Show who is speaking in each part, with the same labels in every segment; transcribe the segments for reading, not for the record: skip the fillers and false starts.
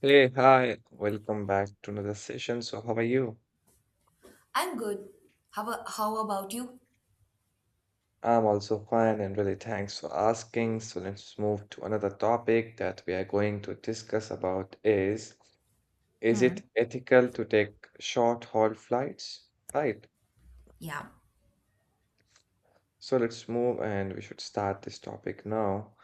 Speaker 1: Hey, hi, welcome back to another session. So, how are you?
Speaker 2: I'm good. How, how about you?
Speaker 1: I'm also fine and really thanks for asking. So, let's move to another topic that we are going to discuss about is it ethical to take short haul flights? Right.
Speaker 2: Yeah.
Speaker 1: So, let's move and we should start this topic now.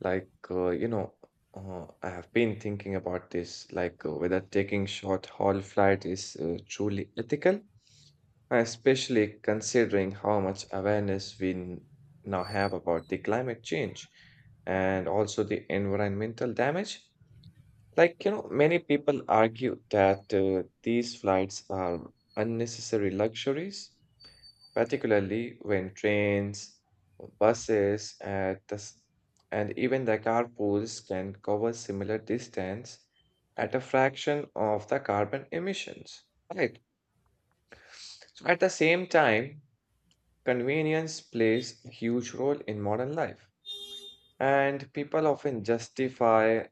Speaker 1: Like, uh, you know, I have been thinking about this, whether taking short haul flight is truly ethical. Especially considering how much awareness we now have about the climate change and also the environmental damage. Many people argue that these flights are unnecessary luxuries, particularly when trains, buses, and even the carpools can cover similar distance at a fraction of the carbon emissions. Right. So at the same time, convenience plays a huge role in modern life, and people often justify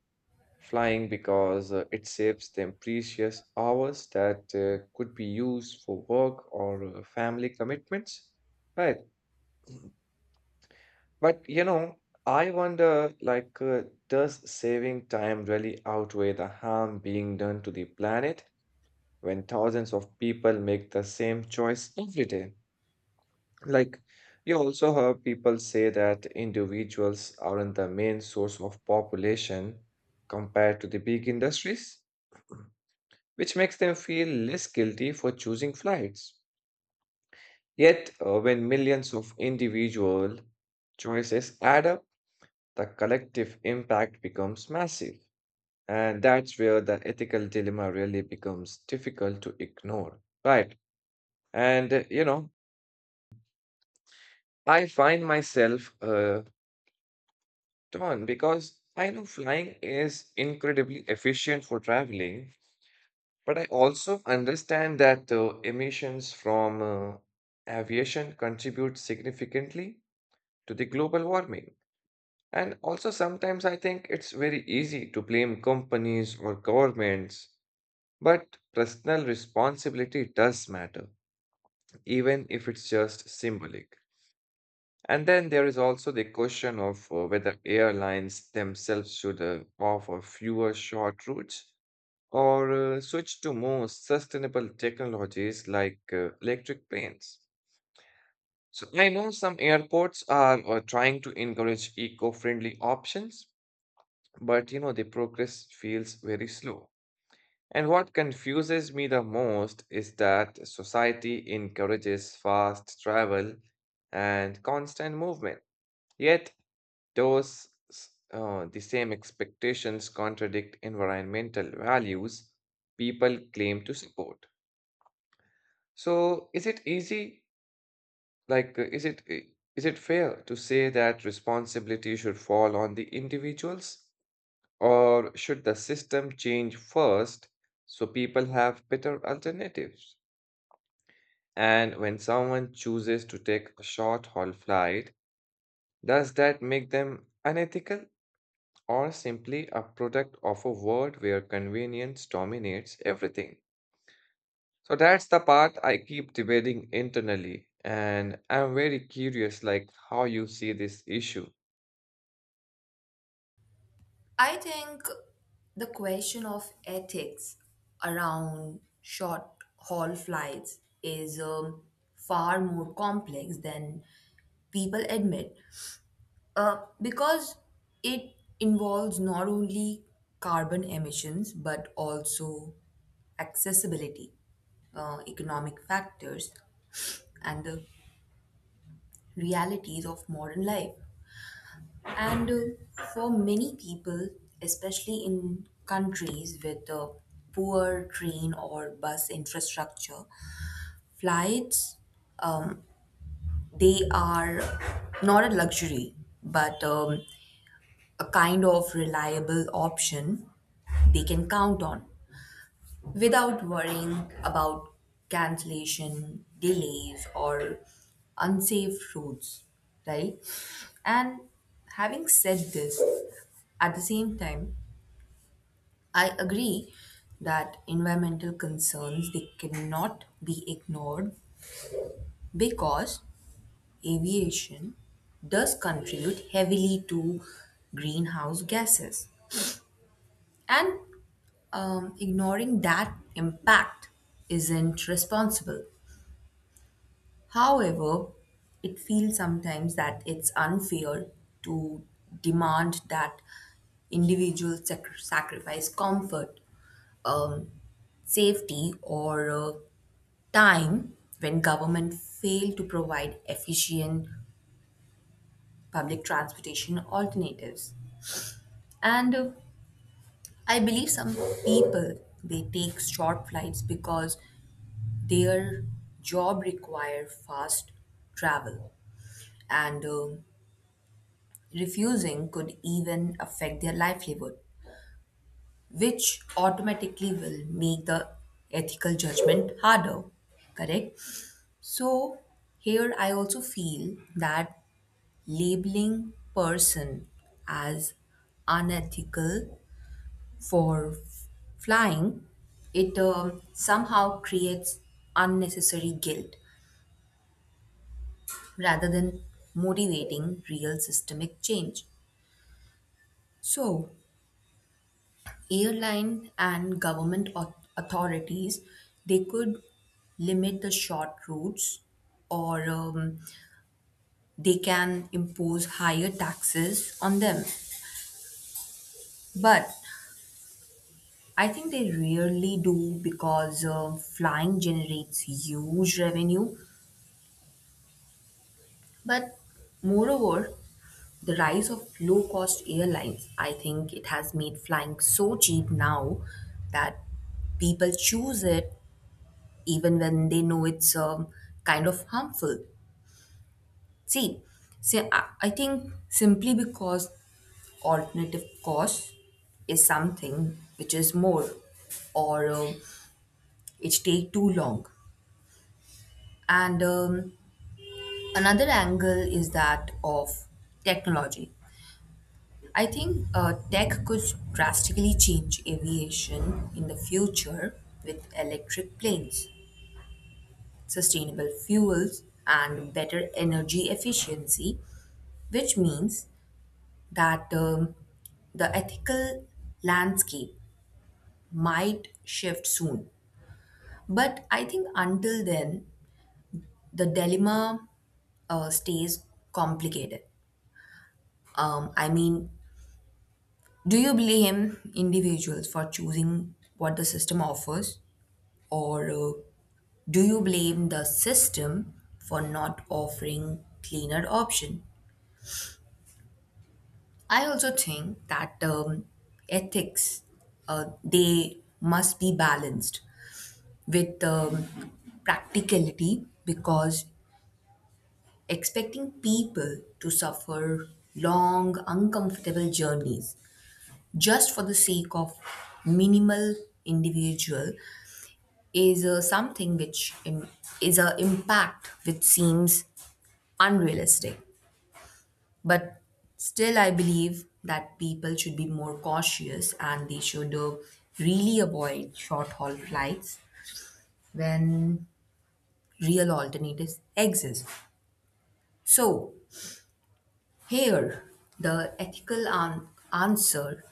Speaker 1: flying because it saves them precious hours that could be used for work or family commitments. Right. But you know, I wonder does saving time really outweigh the harm being done to the planet when thousands of people make the same choice every day? Like, you also hear people say that individuals aren't the main source of population compared to the big industries, which makes them feel less guilty for choosing flights. Yet, when millions of individual choices add up, the collective impact becomes massive. And that's where the ethical dilemma really becomes difficult to ignore. Right. And, you know, I find myself done because I know flying is incredibly efficient for traveling, but I also understand that emissions from aviation contribute significantly to the global warming. And also, sometimes I think it's very easy to blame companies or governments, but personal responsibility does matter, even if it's just symbolic. And then there is also the question of whether airlines themselves should offer fewer short routes or switch to more sustainable technologies like electric planes. So I know some airports are trying to encourage eco-friendly options, but you know the progress feels very slow. And what confuses me the most is that society encourages fast travel and constant movement. Yet the same expectations contradict environmental values people claim to support. So is it easy? Like, uh, is it i- is it fair to say that responsibility should fall on the individuals, or should the system change first so people have better alternatives? And when someone chooses to take a short haul flight, does that make them unethical, or simply a product of a world where convenience dominates everything? So that's the part I keep debating internally, and I'm very curious like how you see this issue.
Speaker 2: I think the question of ethics around short haul flights is far more complex than people admit because it involves not only carbon emissions but also accessibility, economic factors, and the realities of modern life. And for many people, especially in countries with a poor train or bus infrastructure, flights um, they are not a luxury, but a kind of reliable option they can count on without worrying about cancellation, delays, or unsafe routes, right? And having said this, at the same time, I agree that environmental concerns they cannot be ignored because aviation does contribute heavily to greenhouse gases and ignoring that impact isn't responsible. However, it feels sometimes that it's unfair to demand that individuals sacrifice comfort, um, safety, or time when government failed to provide efficient public transportation alternatives. And I believe some people they take short flights because their job require fast travel and refusing could even affect their livelihood, which automatically will make the ethical judgment harder, correct? So here I also feel that labeling person as unethical for flying, it somehow creates unnecessary guilt rather than motivating real systemic change. So, airline and government authorities they could limit the short routes or they can impose higher taxes on them, but I think they really do because flying generates huge revenue. But moreover, the rise of low cost airlines, I think it has made flying so cheap now that people choose it even when they know it's kind of harmful. See, say, I think simply because alternative cost is something which is more or it take too long, and another angle is that of technology. I think tech could drastically change aviation in the future with electric planes, sustainable fuels, and better energy efficiency, which means that the ethical landscape might shift soon. But I think until then, the dilemma stays complicated. I mean, do you blame individuals for choosing what the system offers, or do you blame the system for not offering cleaner option? I also think that ethics they must be balanced with practicality, because expecting people to suffer long uncomfortable journeys just for the sake of minimal individual is something which is a impact which seems unrealistic, but still I believe that people should be more cautious and they should really avoid short haul flights when real alternatives exist. So here the ethical answer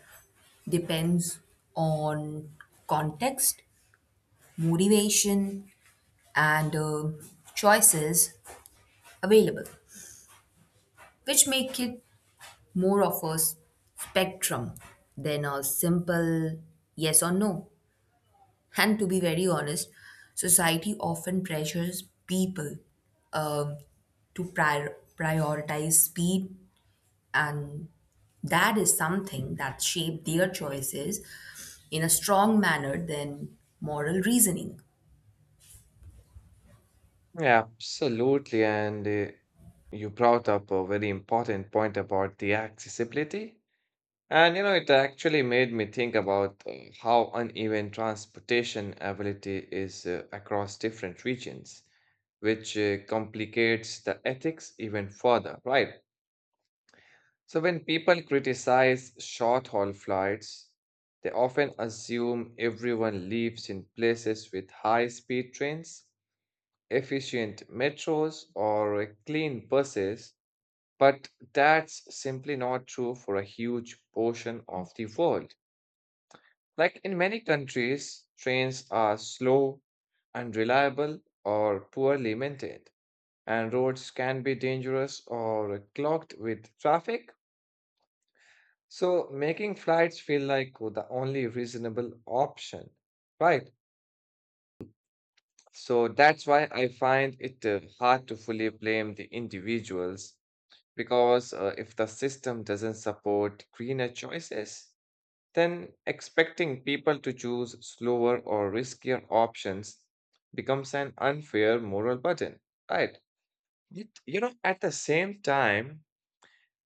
Speaker 2: depends on context, motivation, and choices available, which make it more of a spectrum than a simple yes or no. And to be very honest, society often pressures people um, to prioritize speed, and that is something that shaped their choices in a strong manner than moral reasoning.
Speaker 1: Yeah, absolutely. And you brought up a very important point about the accessibility. And you know, it actually made me think about how uneven transportation ability is across different regions, which complicates the ethics even further, right? So, when people criticize short haul flights, they often assume everyone lives in places with high speed trains, efficient metros, or clean buses, but that's simply not true for a huge portion of the world. Like in many countries, trains are slow, unreliable, or poorly maintained, and roads can be dangerous or clogged with traffic. So, making flights feel like the only reasonable option, right? So, that's why I find it hard to fully blame the individuals because if the system doesn't support greener choices, then expecting people to choose slower or riskier options becomes an unfair moral burden, right? Yet, you know, at the same time,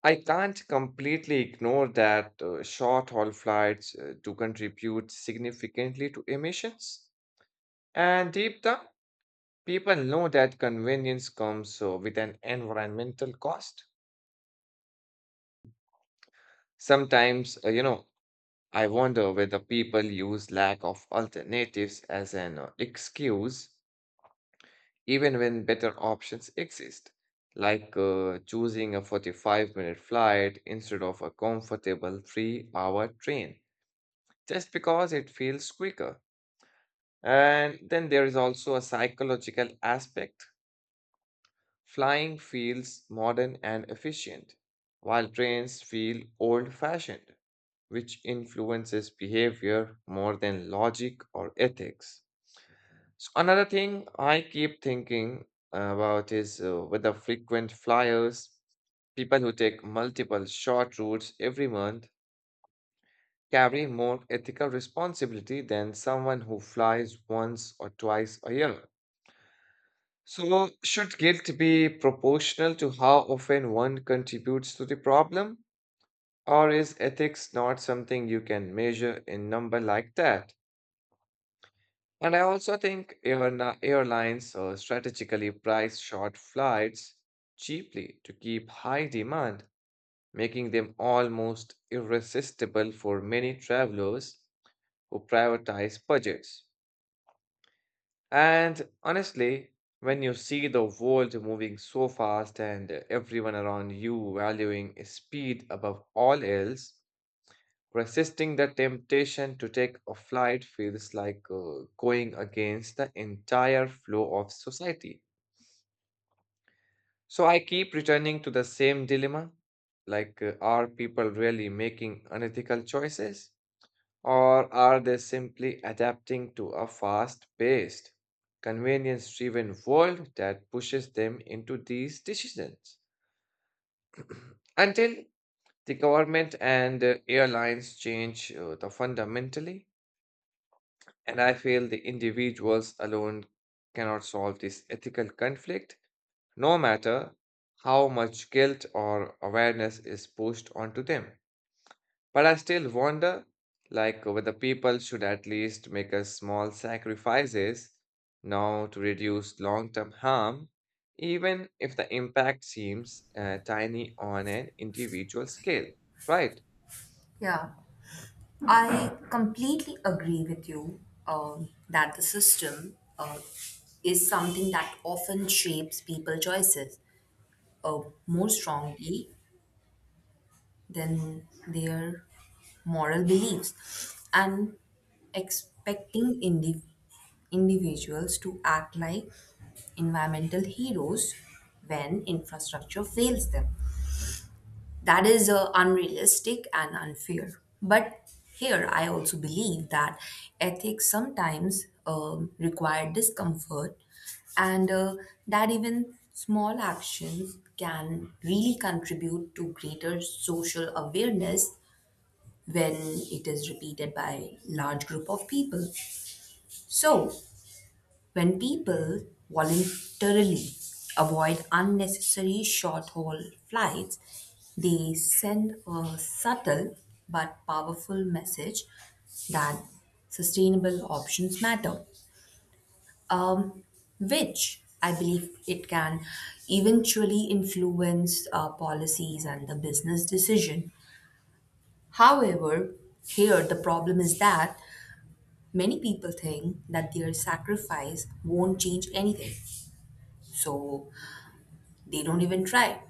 Speaker 1: I can't completely ignore that short haul flights do contribute significantly to emissions. And deep down, people know that convenience comes with an environmental cost. Sometimes, you know, I wonder whether people use lack of alternatives as an excuse even when better options exist, choosing a 45-minute flight instead of a comfortable 3-hour train, just because it feels quicker. And then there is also a psychological aspect. Flying feels modern and efficient, while trains feel old fashioned, which influences behavior more than logic or ethics. So another thing I keep thinking about is whether frequent flyers, people who take multiple short routes every month, carry more ethical responsibility than someone who flies once or twice a year. So, should guilt be proportional to how often one contributes to the problem? Or is ethics not something you can measure in number like that? And I also think airlines strategically price short flights cheaply to keep high demand, making them almost irresistible for many travelers who prioritize budgets. And honestly, when you see the world moving so fast and everyone around you valuing speed above all else, resisting the temptation to take a flight feels like going against the entire flow of society. So I keep returning to the same dilemma are people really making unethical choices? Or are they simply adapting to a fast paced, convenience driven world that pushes them into these decisions? Until the government and airlines change the fundamentally, And I feel the individuals alone cannot solve this ethical conflict, no matter how much guilt or awareness is pushed onto them. But I still wonder, like, whether people should at least make a small sacrifices now to reduce long-term harm, even if the impact seems tiny on an individual scale, right?
Speaker 2: Yeah, I completely agree with you that the system is something that often shapes people choices, uh, more strongly than their moral beliefs, and expecting individuals to act like environmental heroes when infrastructure fails them. That is unrealistic and unfair. But here, I also believe that ethics sometimes require discomfort, and that even small actions can really contribute to greater social awareness when it is repeated by large group of people. So when people voluntarily avoid unnecessary short haul flights, they send a subtle but powerful message that sustainable options matter, um, which I believe it can eventually influence policies and the business decision. However, here the problem is that many people think that their sacrifice won't change anything. So they don't even try.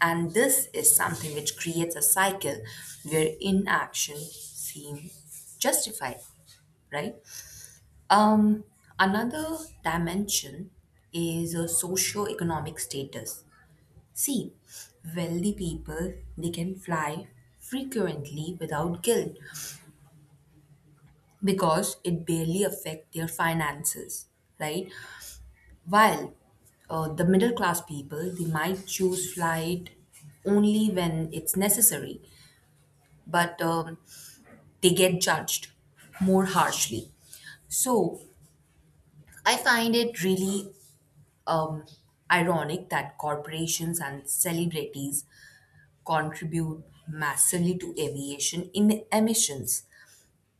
Speaker 2: And this is something which creates a cycle where inaction seems justified, right? Um, Another dimension is a socio-economic status. See, wealthy people they can fly frequently without guilt because it barely affect their finances, right? While the middle class people they might choose flight only when it's necessary, but they get judged more harshly. So I find it really um, ironic that corporations and celebrities contribute massively to aviation in emissions.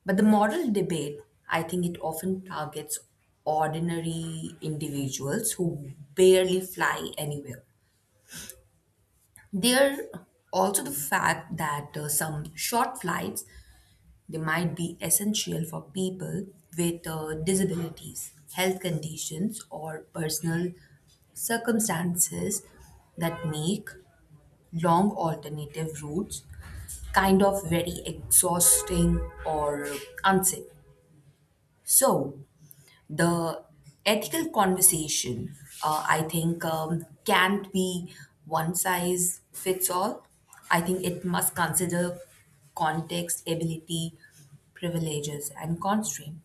Speaker 2: But the moral debate, I think it often targets ordinary individuals who barely fly anywhere. There also the fact that some short flights, they might be essential for people with disabilities, health conditions, or personal circumstances that make long alternative routes kind of very exhausting or unsafe. So, the ethical conversation, I think, can't be one size fits all. I think it must consider context, ability, privileges, and constraint.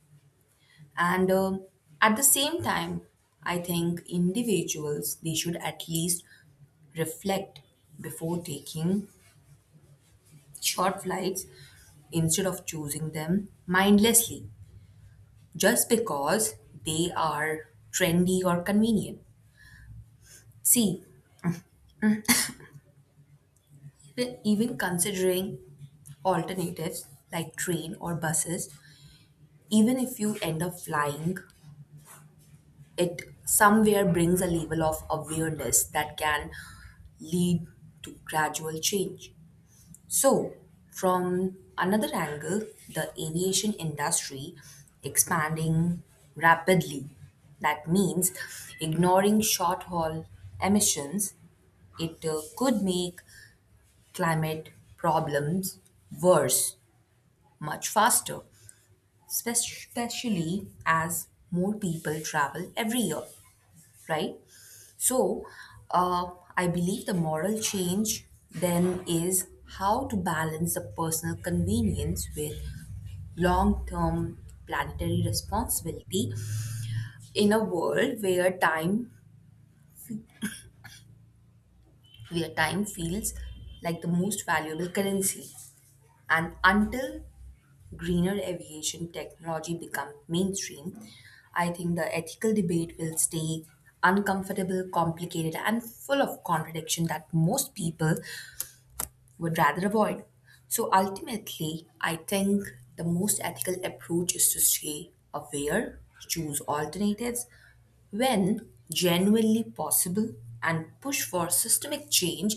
Speaker 2: And at the same time, I think individuals they should at least reflect before taking short flights instead of choosing them mindlessly just because they are trendy or convenient. See, even considering alternatives like train or buses, even if you end up flying, it somewhere brings a level of awareness that can lead to gradual change. So, from another angle, the aviation industry expanding rapidly. That means ignoring short haul emissions, it could make climate problems worse much faster, especially as more people travel every year, right? So, uh, I believe the moral change then is how to balance the personal convenience with long term planetary responsibility in a world where time feels like the most valuable currency. And until greener aviation technology become mainstream, I think the ethical debate will stay uncomfortable, complicated, and full of contradiction that most people would rather avoid. So ultimately, I think the most ethical approach is to stay aware, choose alternatives when genuinely possible, and push for systemic change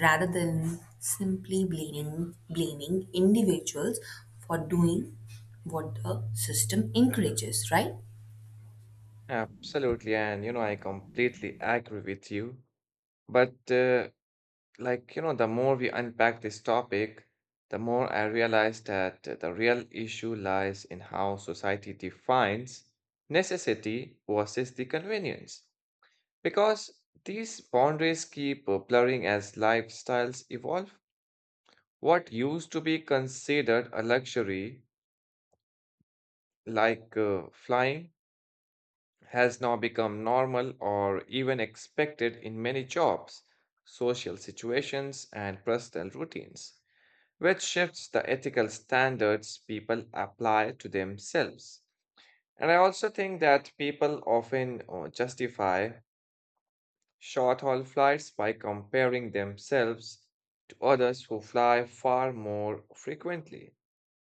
Speaker 2: rather than simply blaming individuals for doing what the system encourages, right?
Speaker 1: Absolutely, and you know, I completely agree with you. But Like, you know, the more we unpack this topic, the more I realize that the real issue lies in how society defines necessity versus the convenience. Because these boundaries keep blurring as lifestyles evolve. What used to be considered a luxury, flying, has now become normal or even expected in many jobs, social situations, and personal routines, which shifts the ethical standards people apply to themselves. And I also think that people often justify short haul flights by comparing themselves to others who fly far more frequently,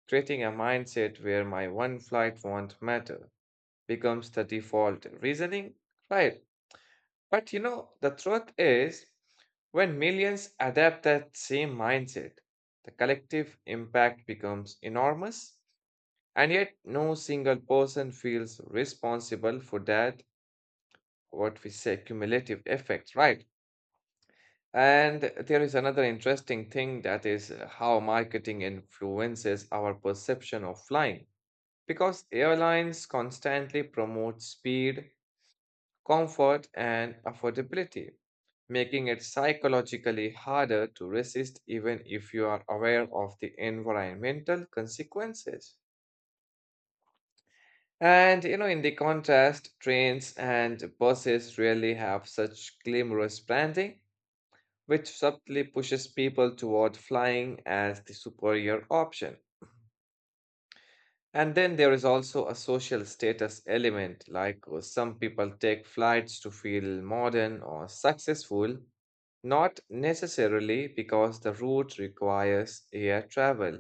Speaker 1: creating a mindset where my one flight won't matter becomes the default reasoning. Right. But you know, the truth is, when millions adapt that same mindset, the collective impact becomes enormous. And yet, no single person feels responsible for that, what we say, cumulative effect, right? And there is another interesting thing that is how marketing influences our perception of flying. Because airlines constantly promote speed, comfort, and affordability, making it psychologically harder to resist even if you are aware of the environmental consequences. And you know, in the contrast, trains and buses rarely have such glamorous branding, which subtly pushes people toward flying as the superior option. And then there is also a social status element, some people take flights to feel modern or successful, not necessarily because the route requires air travel.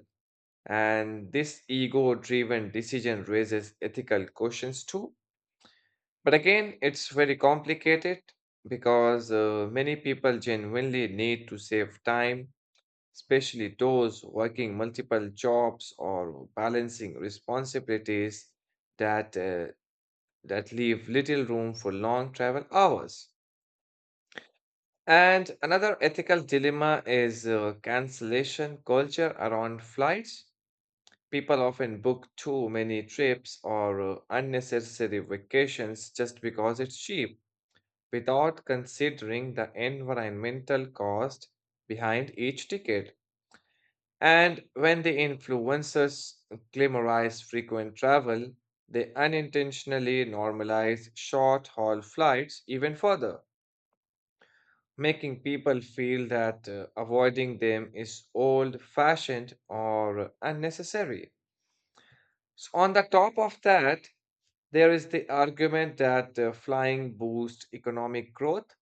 Speaker 1: And this ego driven decision raises ethical questions too. But again, it's very complicated because many people genuinely need to save time, especially those working multiple jobs or balancing responsibilities that uh, that leave little room for long travel hours. And another ethical dilemma is cancellation culture around flights. People often book too many trips or unnecessary vacations just because it's cheap without considering the environmental cost behind each ticket. And when the influencers glamorize frequent travel, they unintentionally normalize short haul flights even further, making people feel that avoiding them is old fashioned or unnecessary. So, on the top of that, there is the argument that flying boosts economic growth,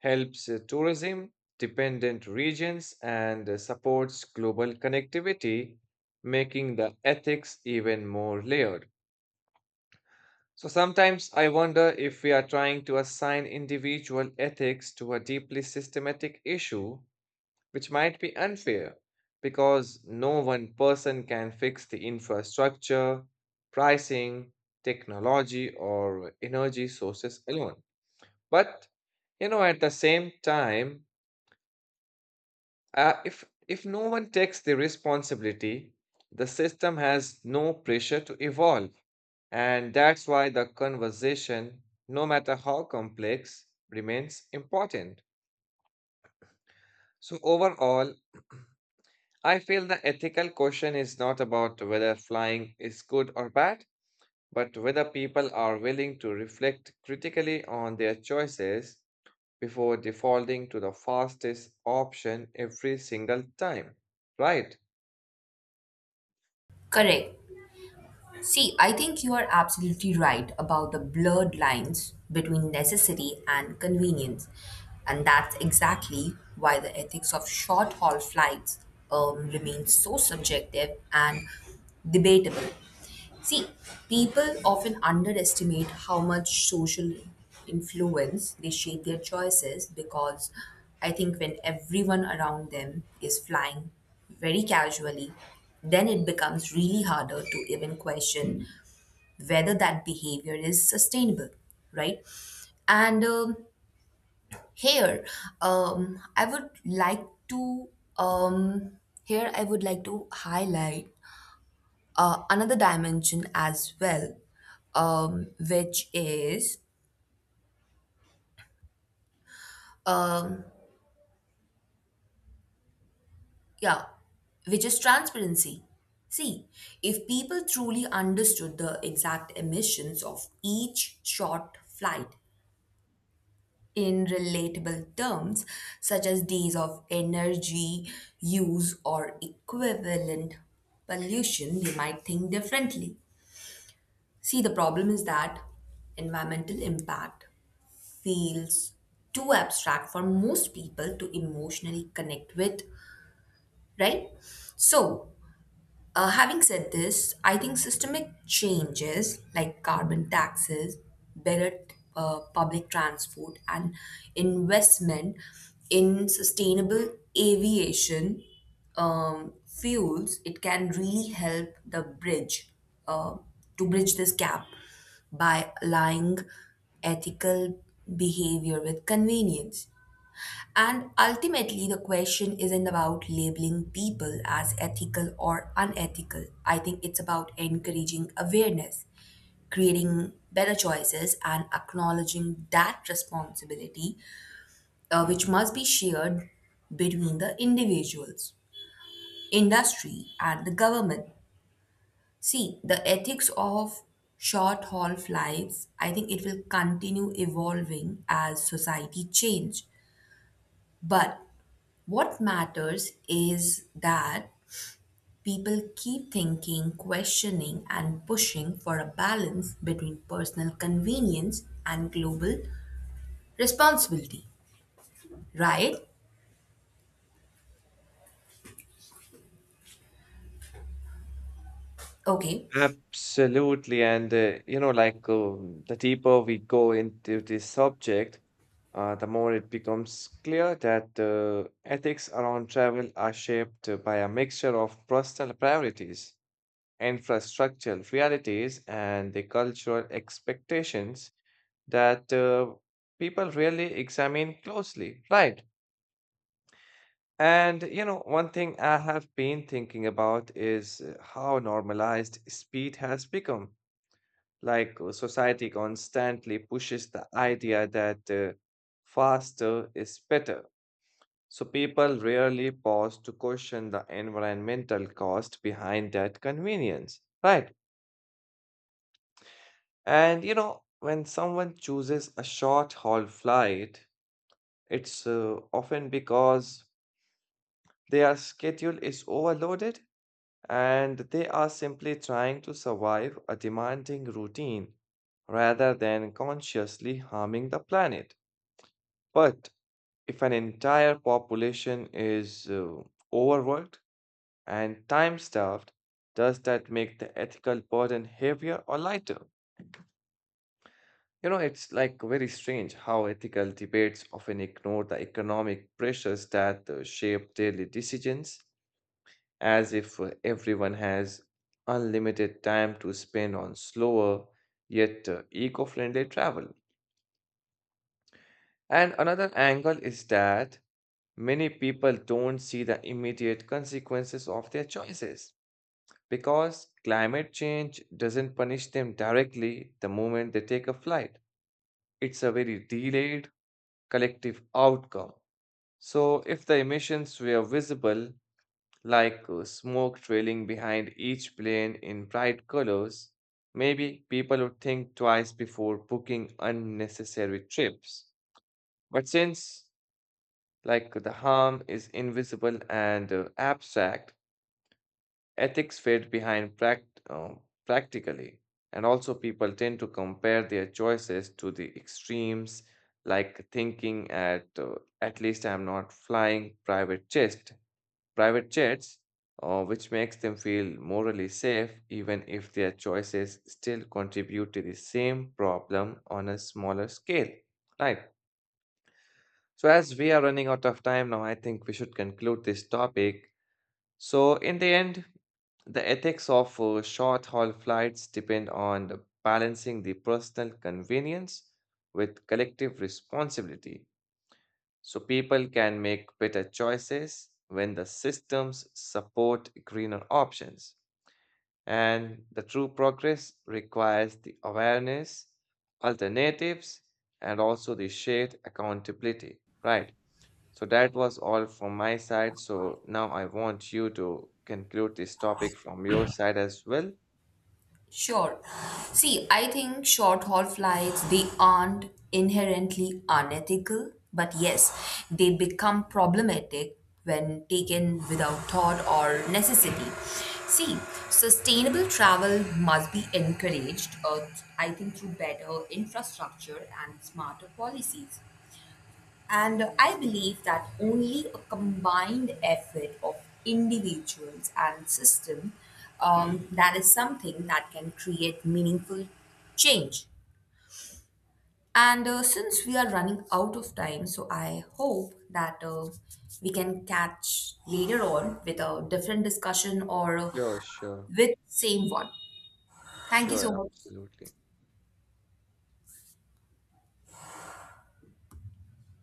Speaker 1: helps tourism dependent regions and supports global connectivity, making the ethics even more layered. So sometimes I wonder if we are trying to assign individual ethics to a deeply systematic issue, which might be unfair because no one person can fix the infrastructure, pricing, technology, or energy sources alone. But you know, at the same time, if no one takes the responsibility, the system has no pressure to evolve, and that's why the conversation, no matter how complex, remains important. So overall, I feel the ethical question is not about whether flying is good or bad, but whether people are willing to reflect critically on their choices before defaulting to the fastest option every single time, right?
Speaker 2: Correct. See, I think you are absolutely right about the blurred lines between necessity and convenience. And that's exactly why the ethics of short haul flights remains so subjective and debatable. See, people often underestimate how much social influence they shape their choices, because I think when everyone around them is flying very casually, then it becomes really harder to even question whether that behavior is sustainable, right? And here, um, I would like to um, here I would like to highlight another dimension as well, which is um Yeah, which is transparency. See, if people truly understood the exact emissions of each short flight in relatable terms, such as days of energy use or equivalent pollution, they might think differently. See, the problem is that environmental impact feels too abstract for most people to emotionally connect with, right? So, having said this, I think systemic changes like carbon taxes, better public transport, and investment in sustainable aviation fuels, it can really help the bridge uh, to bridge this gap by aligning ethical behavior with convenience. And ultimately, the question isn't about labeling people as ethical or unethical. I think it's about encouraging awareness, creating better choices, and acknowledging that responsibility, which must be shared between the individuals, industry, and the government. See, the ethics of short haul flights, I think it will continue evolving as society change. But what matters is that people keep thinking, questioning, and pushing for a balance between personal convenience and global responsibility, right? Okay.
Speaker 1: Absolutely. And, you know, the deeper we go into this subject, the more it becomes clear that ethics around travel are shaped by a mixture of personal priorities, infrastructural realities, and the cultural expectations that people really examine closely. Right. And, you know, one thing I have been thinking about is how normalized speed has become. Society constantly pushes the idea that faster is better. So people rarely pause to question the environmental cost behind that convenience, right? And you know, when someone chooses a short haul flight, it's often because their schedule is overloaded and they are simply trying to survive a demanding routine rather than consciously harming the planet. But if an entire population is overworked and time starved, does that make the ethical burden heavier or lighter? You know, it's like very strange how ethical debates often ignore the economic pressures that shape daily decisions, as if everyone has unlimited time to spend on slower yet eco friendly travel. And another angle is that many people don't see the immediate consequences of their choices because climate change doesn't punish them directly the moment they take a flight. It's a very delayed collective outcome. So, if the emissions were visible, smoke trailing behind each plane in bright colors, maybe people would think twice before booking unnecessary trips. But since like the harm is invisible and abstract, ethics fade behind practically, and also people tend to compare their choices to the extremes, like thinking at least I'm not flying private jets, which makes them feel morally safe, even if their choices still contribute to the same problem on a smaller scale. Right. So as we are running out of time now, I think we should conclude this topic. So, in the end, the ethics of short haul flights depend on the balancing the personal convenience with collective responsibility. So, people can make better choices when the systems support greener options. And the true progress requires the awareness, alternatives, and also the shared accountability, right? So that was all from my side. So now I want you to conclude this topic from your side as well.
Speaker 2: Sure. See, I think short haul flights, they aren't inherently unethical, but yes, they become problematic when taken without thought or necessity. See, sustainable travel must be encouraged, I think, through better infrastructure and smarter policies. And I believe that only a combined effort of individuals and system that is something that can create meaningful change. And since we are running out of time, so I hope that we can catch later on with a different discussion or
Speaker 1: Sure, sure,
Speaker 2: with same one. Thank you
Speaker 1: sure,
Speaker 2: so much.
Speaker 1: absolutely.